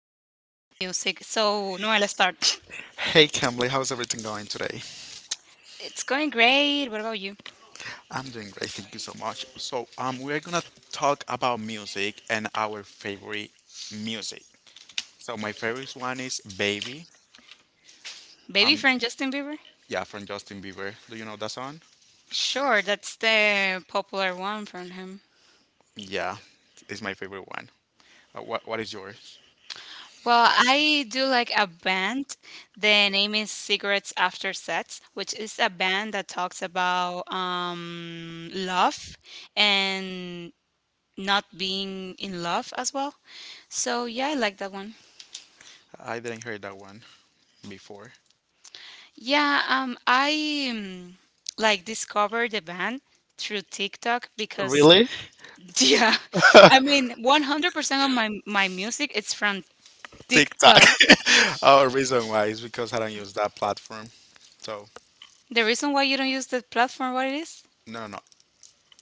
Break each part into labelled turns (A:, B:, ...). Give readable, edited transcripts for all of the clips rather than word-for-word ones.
A: We're going to talk about music. So, Noel, let's start.
B: Hey Kimberly, how's everything going today?
A: It's going great. What about you?
B: I'm doing great, thank you so much. We're gonna talk about music and our favorite music. So, my favorite one is "Baby."
A: Baby
B: Um,
A: friend Justin Bieber?
B: yeah, from Justin Bieber. Do you know that song?
A: Sure, that's the popular one from him.
B: Yeah, it's my favorite one. What is yours?
A: Well, I do like a band. The name is Cigarettes After Sex, which is a band that talks about love and not being in love as well. So, yeah, I like that one.
B: I didn't hear that one before.
A: Yeah, I like discovered the band through TikTok because
B: Really?
A: yeah, I mean, 100% of my music it's from
B: TikTok.
A: TikTok.
B: Our reason why is because I don't use that platform. So,
A: The reason why you don't use the platform, what it is?
B: no, no, no.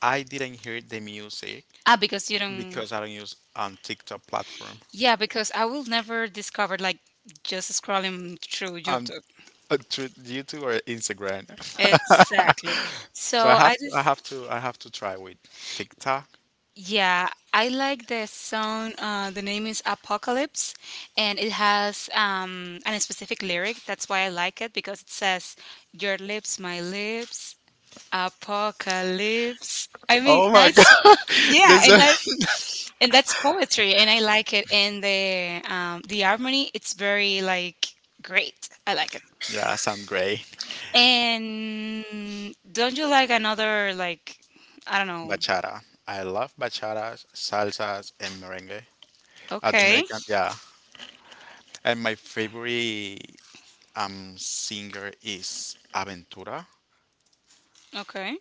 B: I didn't hear the music
A: Ah, because you don't.
B: because I don't use on TikTok platform.
A: Yeah, because I will never discover like just scrolling through
B: Um,
A: YouTube.
B: Through YouTube or Instagram.
A: Exactly.
B: so I
A: So
B: have
A: I
B: to,
A: just.
B: I have to, I have to try with TikTok.
A: Yeah, I like the song. The name is Apocalypse, and it has a specific lyric. That's why I like it because it says, "Your lips, my lips, apocalypse." I mean,
B: Oh my
A: that's,
B: god,
A: yeah,
B: this
A: and
B: is-
A: that's poetry, and I like it. And the harmony, it's very like great. I like it.
B: yeah, I sound great.
A: And don't you like another, like, I don't know?
B: Bachata. I love bachatas, salsas, and merengue.
A: Okay,
B: Dominican, yeah. And my favorite singer is Aventura.
A: okay.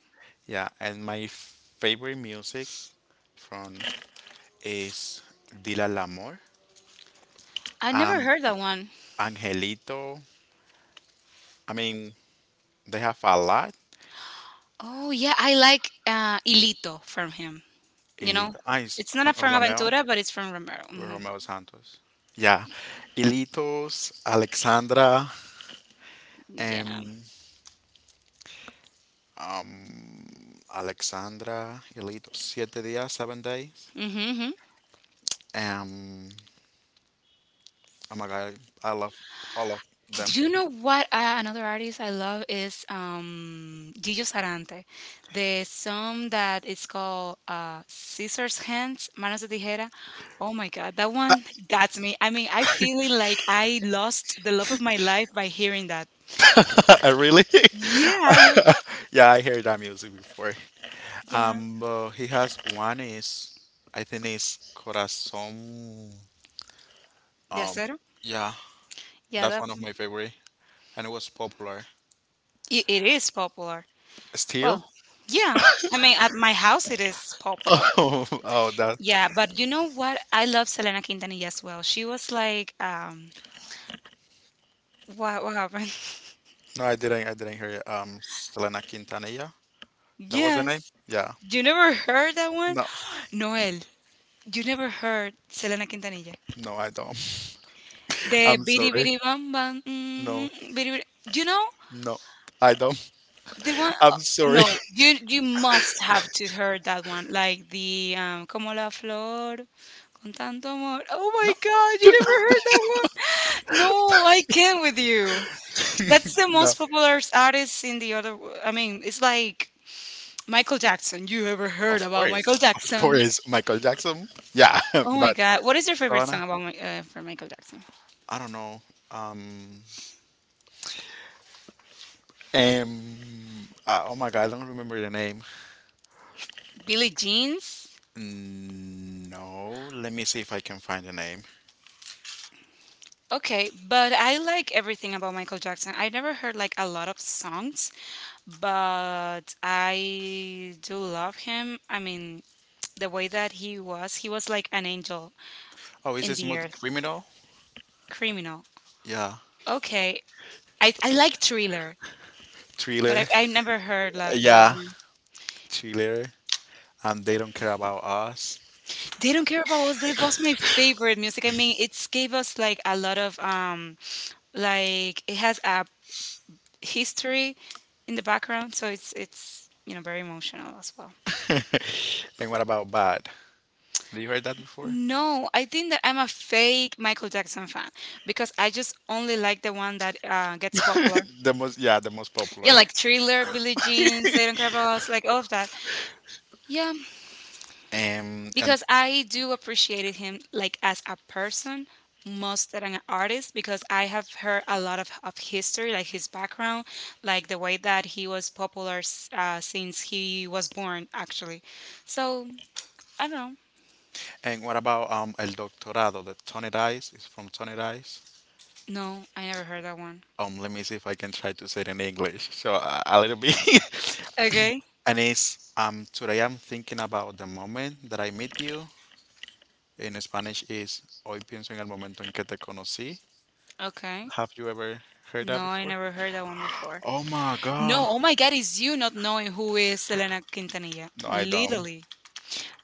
B: Yeah, and my favorite music from is Dila Lamor,
A: I never
B: um,
A: heard that one.
B: Angelito. I mean, they have a lot.
A: Oh yeah, I like Ilito from him. You know,
B: Elito, ah,
A: it's
B: it's
A: not a
B: from Romeo,
A: Aventura, but it's from Romero. Hmm.
B: Romeo Santos. Yeah, Ilitos, Alexandra,
A: Yeah.
B: um, um, Alexandra, Ilitos, siete días, 7 days.
A: Mm-hmm, mm-hmm.
B: Um, oh my God, I love all of them.
A: Do you know what, another artist I love is, Gillo Sarante? The song that is called Scissors Hands, Manos de Tijera. Oh my God, that one got me. I mean, I feel it like I lost the love of my life by hearing that.
B: I really,
A: Yeah, I like,
B: yeah, I heard that music before.
A: yeah.
B: But he has one is I think it's Corazon.
A: De
B: Um,
A: acero?
B: yeah,
A: Yeah,
B: that's
A: that
B: one of my favorite, and it was popular.
A: it is popular.
B: Still?
A: Well, yeah. I mean, at my house it is popular.
B: Oh, oh, that.
A: Yeah, but you know what? I love Selena Quintanilla as well. She was like, what happened?
B: No, I didn't. I didn't hear it. Selena Quintanilla. That was the name.
A: Yes.
B: Yeah.
A: You never heard that one?
B: No,
A: Noel, you never heard Selena Quintanilla?
B: no, I don't.
A: The
B: I'm
A: bidi
B: sorry.
A: bidi bam bam,
B: No,
A: mm, bidi bidi. Do you know?
B: no, I don't.
A: The one,
B: I'm sorry.
A: no, you must have to heard that one, like the como la flor con tanto amor. Oh
B: No,
A: my God, you never heard that one? No, I can't with you. That's the
B: no.
A: most popular artist in the other. I mean, it's like Michael Jackson. You ever heard
B: Of
A: about
B: course,
A: Michael
B: of
A: Jackson?
B: course, Michael Jackson. Yeah,
A: Oh my
B: but
A: God, what is your favorite
B: Selena.
A: song about my, for Michael Jackson?
B: I don't know. Um, um, oh my God, I don't remember the name.
A: Billie Jeans.
B: No, let me see if I can find the name.
A: Okay, but I like everything about Michael Jackson. I never heard like a lot of songs, but I do love him. I mean, the way that he was like an angel
B: Oh, is
A: in
B: it
A: the
B: Smooth
A: earth,
B: Criminal?
A: criminal.
B: Yeah,
A: Okay, I like thriller, but
B: Thriller.
A: I never heard that
B: Yeah,
A: one.
B: Thriller. And they don't care about us.
A: They don't care about us. That was my favorite music. I mean, it gave us like a lot of like it has a history in the background, so it's you know very emotional as well.
B: And what about Bad? Did you heard that before?
A: No, I think that I'm a fake Michael Jackson fan because I just only like the one that gets popular.
B: The most, yeah, the most popular.
A: Yeah, like Thriller, Billie Jeans, They Don't Care About Us, like all of that. Yeah,
B: And
A: because I do appreciate him like as a person most than an artist because I have heard a lot of history, like his background, like the way that he was popular since he was born, actually. So I don't know.
B: and what about El Doctorado? The Tony Dice is from Tony Dice.
A: No, I never heard that one.
B: Let me see if I can try to say it in English. So a little bit.
A: Okay.
B: And it's today I'm thinking about the moment that I meet you. In Spanish is hoy pienso en el momento en que te conocí.
A: Okay.
B: Have you ever heard that
A: No, I
B: before?
A: never heard that one before.
B: Oh my God.
A: No, oh my God, it's you not knowing who is Selena Quintanilla.
B: No, I don't.
A: Literally.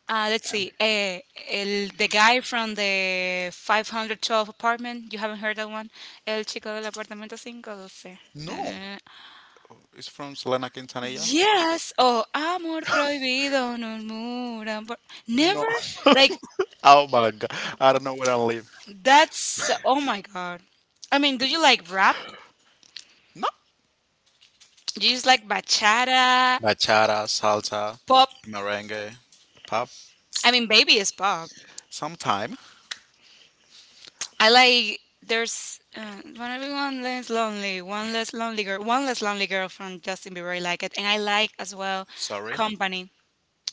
A: Let's see. El, the guy from the 512 apartment. You haven't heard that one? El chico del apartamento 512.
B: No,
A: Uh,
B: it's from Selena Quintanilla.
A: yes. Oh, amor prohibido, murmuran por...
B: No.
A: Never? Like,
B: Oh my God. I don't know where I live.
A: that's... Oh my God. I mean, do you like rap?
B: No.
A: Do you just like bachata,
B: Bachata, salsa,
A: pop?
B: merengue, pop.
A: I mean, baby is pop.
B: Sometime,
A: I like there's when everyone less lonely, one less lonely girl, one less lonely girl from Justin Bieber. I like it, and I like as well
B: sorry.
A: company.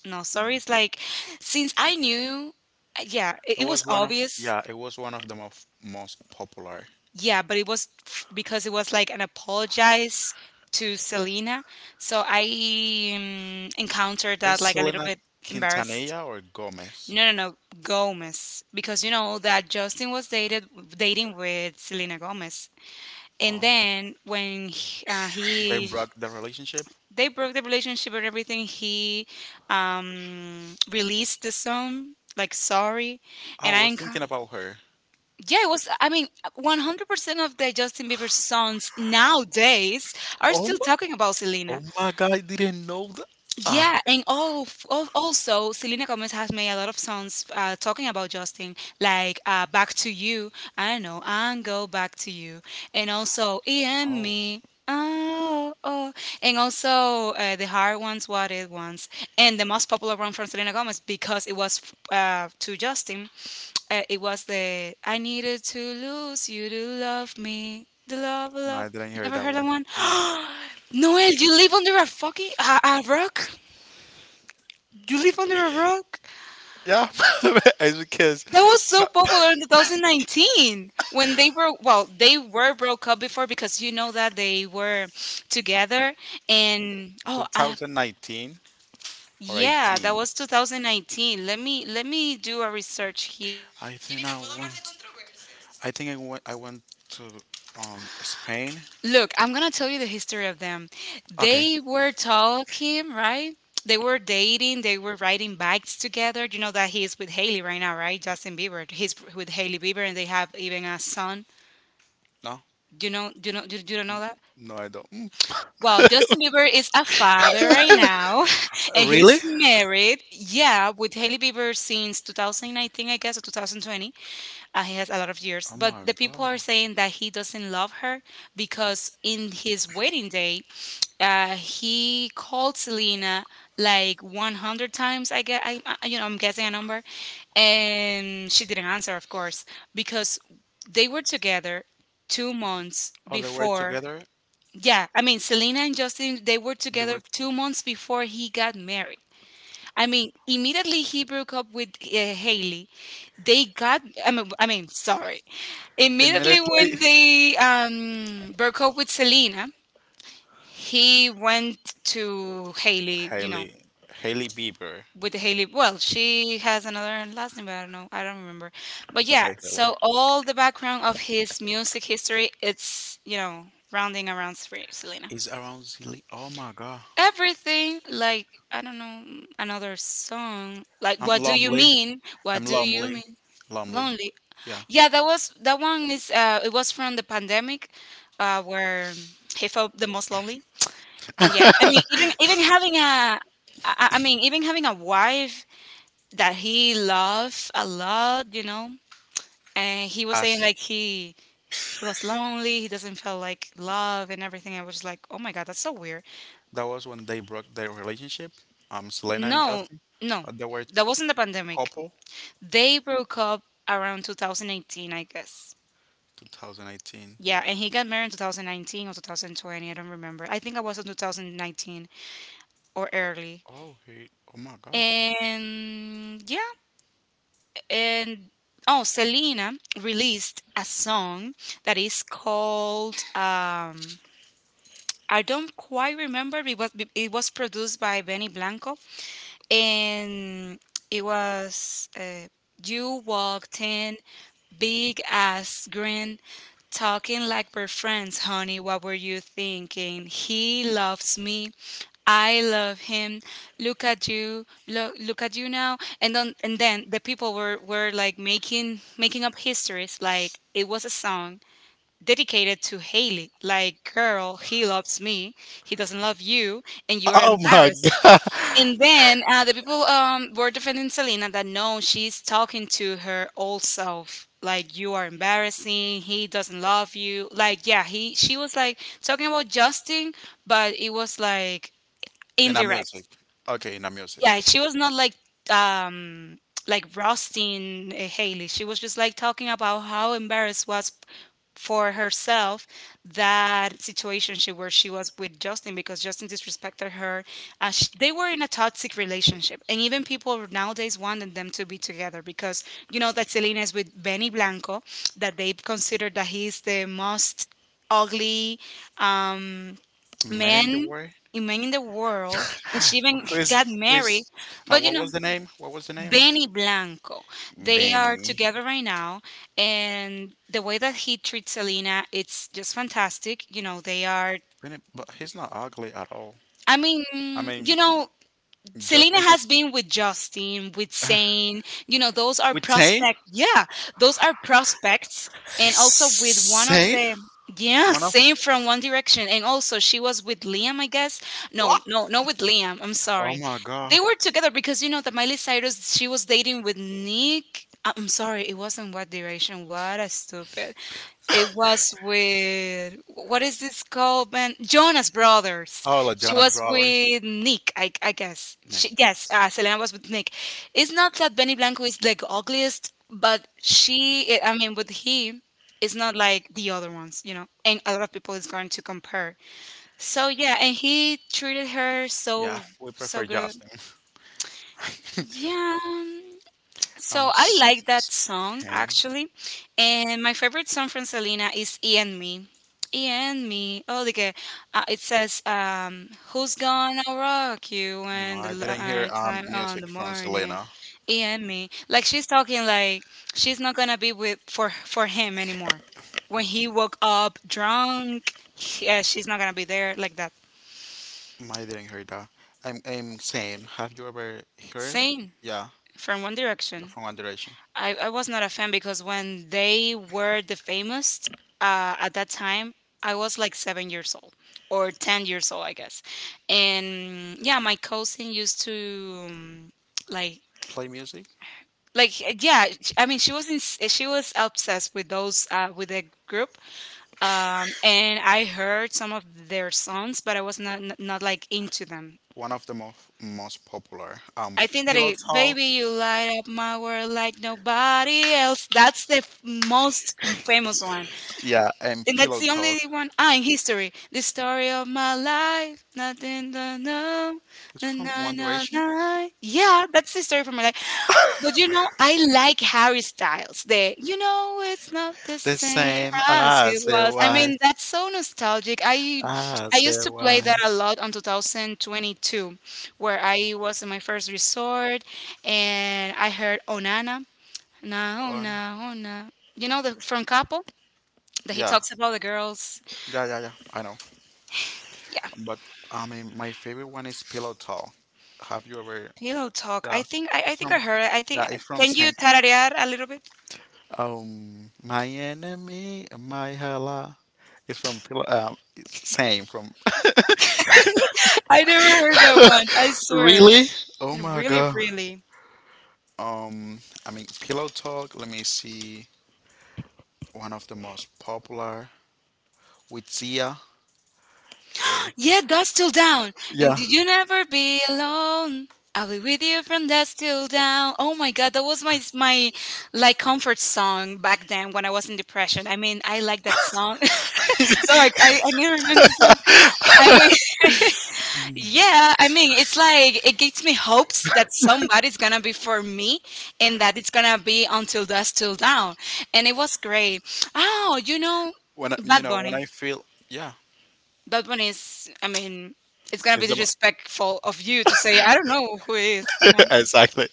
A: No, sorry, it's like since I knew, yeah,
B: It
A: it was
B: was one of
A: obvious,
B: yeah, it was one of the most popular.
A: yeah, but it was because it was like an apologize to Selena, so I encountered that
B: Is
A: like a little
B: Selena
A: bit embarrassed.
B: Quintanilla or Gomez?
A: No, no, no, Gomez, because you know that Justin was dated dating with Selena Gomez. And
B: Oh,
A: then when he,
B: they broke the relationship.
A: they broke the relationship and everything he released the song like sorry
B: I
A: and
B: was thinking about her.
A: yeah it was I mean 100% of the Justin Bieber songs nowadays are
B: Oh
A: still
B: my,
A: talking about Selena.
B: oh my God, I didn't know that. Ah,
A: Yeah, and oh, also Selena Gomez has made a lot of songs talking about Justin, like "Back to You," I don't know, and "Go Back to You," and also "E and
B: oh
A: Me." Oh, oh, and also the hard ones, what it ones, and the most popular one from Selena Gomez because it was to Justin. It was the "I needed to lose you to love me." The Love
B: no, I
A: Love.
B: didn't
A: You
B: hear
A: never
B: that
A: heard that
B: one.
A: one?
B: No.
A: Noel, you live under a fucking a rock. You live under a rock.
B: Yeah, it's because
A: That was so popular in 2019 when they were, well, they were broke up before because you know that they were together and oh,
B: 2019 or
A: yeah, that
B: 18.
A: was 2019. Let me do a research.
B: I think I went. I think I went. I went to Spain.
A: Look, I'm gonna tell you the history of them.
B: Okay.
A: They were talking, right? They were dating. They were riding bikes together. You know that he's with Haley right now, right? Justin Bieber. He's with Haley Bieber, and they have even a son.
B: No,
A: Do you know? Do you know? Do you
B: N-
A: know that?
B: no, I don't. Mm.
A: Well, Justin Bieber is a father right now, and he's
B: Really?
A: married. Yeah, with Hailey Bieber since 2019, I guess, or 2020. He has a lot of years.
B: Oh
A: But
B: my
A: the people
B: god!
A: are saying that he doesn't love her because in his wedding day, he called Selena like 100 times. I guess you know, I'm guessing a number, and she didn't answer, of course, because they were together 2 months
B: Oh, they were
A: before.
B: together.
A: Yeah, I mean, Selena and Justin, they were
B: They
A: together
B: were
A: 2 months before he got married. I mean, immediately he broke up with Haley. They got, sorry. Immediately when
B: immediately.
A: they broke up with Selena, he went to Haley, you know,
B: Haley, Haley Bieber.
A: with Haley. Well, she has another last name, but I don't know. I don't remember. But yeah,
B: Okay,
A: so all the background of his music history,
B: Haley.
A: it's, you know, rounding around Selena.
B: It's around Zilly. Oh my god.
A: Everything like I don't know, mm, another song like
B: I'm lonely. I'm
A: what do you
B: lonely.
A: mean,
B: Lonely.
A: lonely.
B: Yeah.
A: Yeah, that was, that one is, it was from the pandemic where he felt the most lonely. And yeah, I mean, even even having a I mean, even having a wife that he loved a lot, you know, and he was saying
B: As
A: like he was lonely, he doesn't feel like love and everything. I was just like, oh my god, that's so weird.
B: that was when they broke their relationship. Selena and
A: No,
B: Justin.
A: no,
B: They were
A: that wasn't the pandemic.
B: couple.
A: They broke up around 2018, I guess.
B: 2018.
A: Yeah, and he got married in 2019 or 2020. I don't remember. I think I was in 2019 or early.
B: Oh hey. Oh my god.
A: And yeah, and oh, Selena released a song that is called I don't quite remember because it was produced by Benny Blanco, and it was, you walked in, big ass grin, talking like we're friends, honey. What were you thinking? He loves me. I love him. Look at you. Look at you now. And then the people were like making up histories. Like it was a song dedicated to Haley. Like, girl, he loves me. He doesn't love you, and you are
B: Oh my
A: embarrassed.
B: god.
A: And then the people were defending Selena that no, she's talking to her old self. Like, you are embarrassing. He doesn't love you. Like, yeah, he she was like talking about Justin, but it was like
B: In a
A: indirect.
B: music. Okay, in a music.
A: Yeah, she was not like um roasting Haley. She was just like talking about how embarrassed was for herself that situation she where she was with Justin because Justin disrespected her. Sh They were in a toxic relationship, and even people nowadays wanted them to be together because you know that Selena is with Benny Blanco, that they consider that he's the most ugly, um,
B: Men in the
A: Men,
B: world.
A: a man in the world and she even
B: who is
A: got
B: who
A: married,
B: is
A: but you
B: what was
A: know
B: the name? What was the name of
A: Benny Blanco, they are
B: Benny?
A: together right now and the way that he treats Selena it's just fantastic, you know they are,
B: Benny, but he's not ugly at all.
A: I mean,
B: I mean,
A: you know Selena
B: Justin
A: has been with Justin, with
B: is
A: Zayn. You know, those are
B: with Zane.
A: prospects. Yeah, those are prospects. And also with one of
B: Zane,
A: the, yeah,
B: one of
A: same from One Direction. And also she was with Liam, I guess.
B: what?
A: No, no, not with Liam. I'm
B: Oh
A: sorry.
B: my god!
A: They were together because you know that Miley Cyrus she was dating with Nick. I'm sorry, it wasn't What Direction. What a stupid. It was with what is this called, man? Jonas Brothers.
B: Oh, like
A: She
B: Jonas
A: was
B: Brothers.
A: with Nick, I guess.
B: Nick.
A: She, yes, Selena was with Nick. It's not that Benny Blanco is like ugliest, but she, I mean, with he it's not like the other ones, you know. And a lot of people is going to compare. So yeah, and he treated her so
B: Yeah, we
A: so
B: prefer
A: good.
B: Justin.
A: Yeah,
B: um,
A: so I like that song
B: okay.
A: actually, and my favorite song from Selena is "E and Me." E and me, oh, like it says, "Who's gonna rock you
B: No,
A: when the
B: I didn't hear
A: lights are on the
B: music from
A: morning?"
B: Selena.
A: E and me, like she's talking like she's not gonna be with for him anymore. When he woke up drunk, yeah, she's not gonna be there like that.
B: Mm, I didn't hear that. I'm same. Have you ever heard?
A: Same
B: Yeah,
A: from One
B: you're
A: Direction.
B: from One Direction.
A: I was not a fan because when they were the famous at that time, I was like 7 years old or 10 years old, I guess. And yeah, my cousin used to like,
B: Play music.
A: yeah I mean she was in, she was obsessed with those with the group and I heard some of their songs but I was not like into them.
B: One of the most popular.
A: I think that
B: Pillow
A: it,
B: Talk.
A: baby, you light up my world like nobody else. That's the most famous one.
B: Yeah, and The
A: And that's
B: Pillow
A: the
B: Talk.
A: only one. Ah, in history. The story of my life. Nothing to know.
B: Is It's
A: Na,
B: from
A: na,
B: One
A: na,
B: Direction.
A: na. Yeah, that's the story for my life. But you know, I like Harry Styles. The it's not the
B: The
A: same
B: same
A: as
B: as
A: it
B: it's it
A: was. I
B: was.
A: mean, that's so nostalgic. I
B: Ah,
A: I used
B: there
A: to play that a
B: was
A: lot on 2022, where I was in my first resort and I heard Onana. Na,
B: one.
A: Ona. You know the from Capo? That he
B: Yeah,
A: talks about the girls.
B: yeah, yeah, yeah, I know.
A: Yeah,
B: But I mean, my favorite one is Pillow Talk. Have you ever?
A: pillow talk.
B: Yeah, it's
A: I think
B: from.
A: I heard it. I think
B: Yeah, it's from
A: can you
B: Saint.
A: tararear a little bit?
B: My enemy, my hella. It's from Pillow. It's same from.
A: I never heard that one. I swear.
B: Really? Oh
A: It
B: my
A: really,
B: god.
A: really.
B: Um, I mean, Pillow Talk. Let me see. One of the most popular with Zia. Eh,
A: Yeah, that's still down. And
B: Yeah.
A: did you never be alone? I'll be with you from that still down. Oh my god, that was my like comfort song back then when I was in depression. I mean, I like that song. Sorry, I never meant to say. I mean, yeah, I mean, it's like it gives me hopes that somebody's gonna be for me and that it's gonna be until dusk till down. And it was great. Oh, you know,
B: When I, you
A: Bad
B: know, when
A: Bunny.
B: I feel, yeah,
A: Bad Bunny is, I mean, it's gonna
B: it's
A: be
B: the
A: disrespectful of you to say, I don't
B: be
A: know who he
B: mo-
A: you know.
B: exactly.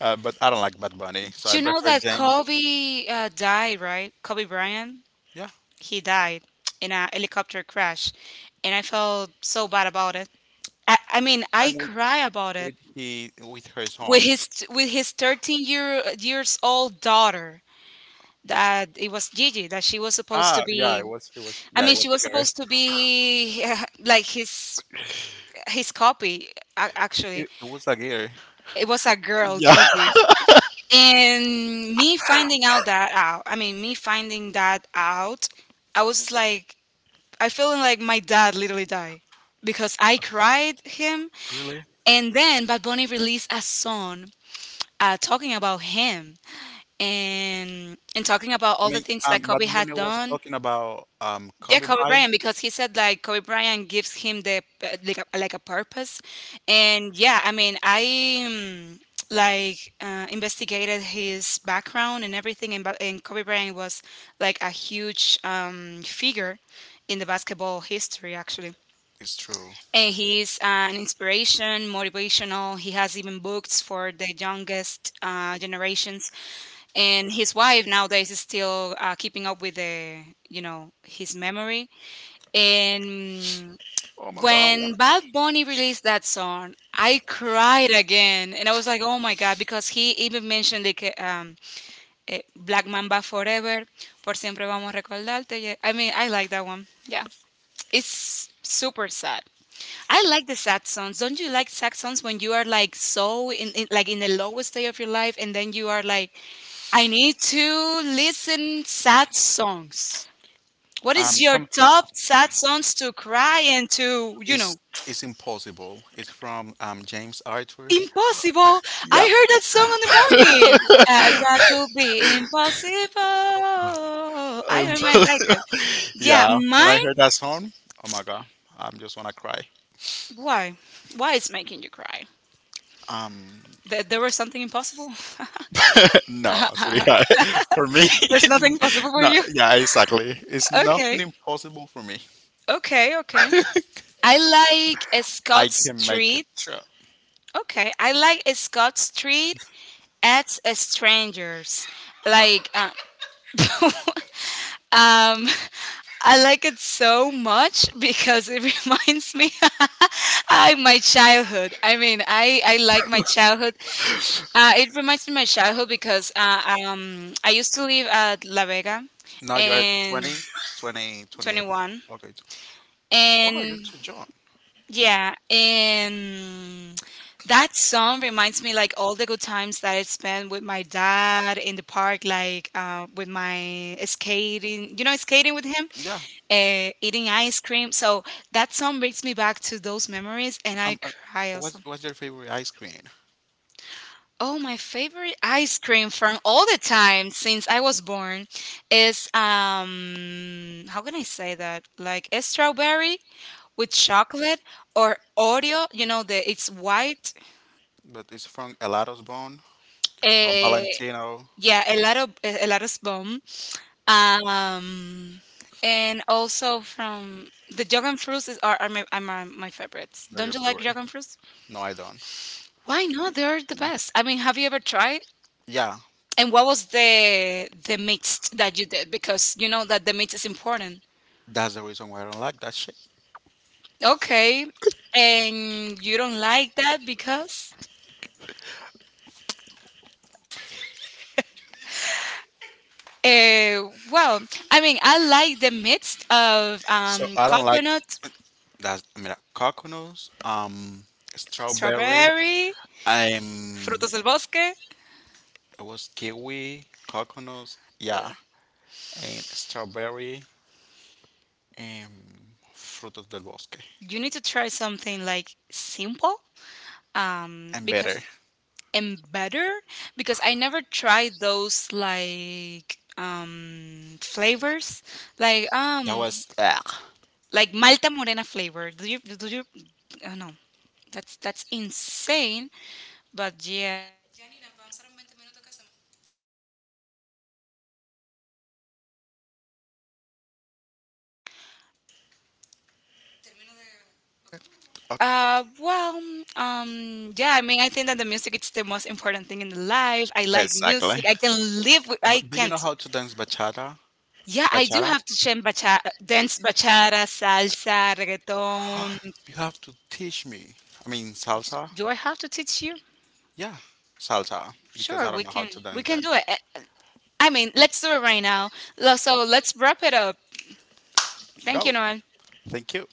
B: But I don't like Bad Bunny, so I
A: You know
B: prefer
A: that
B: James.
A: Kobe died, right? Kobe Bryant,
B: Yeah,
A: he died in a helicopter crash. And I felt so bad about it. I mean, I
B: and
A: cry about it.
B: with her song.
A: With his 13-year years old daughter that it was Gigi that she was supposed to be. I
B: Yeah, it
A: mean
B: was
A: she was
B: Aguirre.
A: supposed to be like his copy
B: But
A: actually
B: It was Aguirre.
A: it was a girl
B: Yeah,
A: Gigi, and me finding out that out. I mean me finding that out I was just like I feeling like my dad literally died because I cried him.
B: really.
A: And then Bad Bunny released a song talking about him, and talking about
B: I
A: all the
B: mean,
A: things that
B: Bad
A: Kobe
B: Bunny
A: had
B: was
A: done.
B: talking about
A: Yeah,
B: Kobe
A: Kobe
B: Bryant.
A: Bryant, because he said like Kobe Bryant gives him the like a purpose. And yeah, I mean I investigated his background and everything, and, and Kobe Bryant was like a huge figure in the basketball history actually.
B: It's true.
A: And he's an inspiration, motivational. He has even books for the youngest generations. And his wife nowadays is still keeping up with the, you know, his memory. And
B: Oh my God.
A: when Bad Bunny released that song, I cried again, and I was like, "Oh my God!" Because he even mentioned like "Black Mamba Forever," "Por siempre vamos a recordarte." Yeah. I mean, I like that one. Yeah. It's super sad. I like the sad songs. Don't you like sad songs when you are like so in like in the lowest day of your life and then you are like I need to listen sad songs. What
B: Um,
A: is your
B: some
A: top sad songs to cry and to, you
B: It's
A: know,
B: it's impossible. It's from James Arthur.
A: impossible? I
B: Yeah.
A: heard that song in the morning. That could be impossible. I
B: Um,
A: don't might like it. Yeah,
B: yeah. When I
A: mine.
B: heard that song, oh my god, I'm just wanna cry.
A: Why? Why is making you cry?
B: Um,
A: That there was something impossible?
B: no, sorry. Yeah. For me,
A: There's nothing possible for
B: no.
A: you?
B: Yeah, exactly. It's nothing
A: Okay.
B: impossible for me.
A: Okay, okay. I like a
B: I
A: Scott
B: can make it.
A: Street.
B: Sure.
A: Okay. I like a Scott Street at a strangers. Like um I like it so much because it reminds me I my childhood. I mean, I like my childhood. It reminds me of my childhood because I used to live at La Vega
B: Now you are
A: in
B: twenty.
A: 21.
B: Okay. Oh, you're
A: And
B: too young.
A: yeah, and that song reminds me like all the good times that I spent with my dad in the park, like with my skating, you know, skating with him,
B: Yeah.
A: eating ice cream. So that song brings me back to those memories, and
B: Um,
A: I
B: uh,
A: cry also.
B: what's your favorite ice cream?
A: Oh, my favorite ice cream from all the time since I was born is how can I say that? Like a strawberry with chocolate or Oreo, you know, the it's white.
B: But it's from Elato's Bone or
A: Uh,
B: Valentino.
A: yeah, a lot of bomb. Um, and also from the jug and fruits is are my, my favorites.
B: They're your
A: Don't you like
B: favorite.
A: jug and fruits?
B: No, I don't.
A: Why not? They're the best. I mean, have you ever tried?
B: Yeah,
A: And what was the mix that you did? Because you know that the mix is important.
B: that's the reason why I don't like that shit.
A: Okay. And you don't like that because? Well, I mean, I like the mix of
B: So I don't like
A: coconut,
B: that's I mean coconuts, strawberry,
A: strawberry,
B: um,
A: frutos del bosque.
B: it was kiwi, coconuts, yeah, and strawberry and frutos del bosque
A: You need to try something like simple,
B: and better.
A: because and better because I never tried those like flavors. Like
B: That
A: um
B: was ah.
A: like Malta Morena flavor. Do you do you? Oh no, that's insane. But yeah. Well yeah I mean I think that the music is the most important thing in the life. I like
B: Exactly.
A: music, I can live with, I
B: But do you
A: can't.
B: know how to dance bachata?
A: Yeah I do
B: Bachata?
A: have to change bacha, dance bachata salsa reggaeton.
B: You have to teach me. I mean, salsa?
A: Do I have to teach you?
B: Yeah, salsa. Because I
A: Sure,
B: don't know how to dance
A: we can
B: that.
A: do it. I mean let's do it right now. So let's wrap it up. Thank
B: Go.
A: you, Noel.
B: Thank you.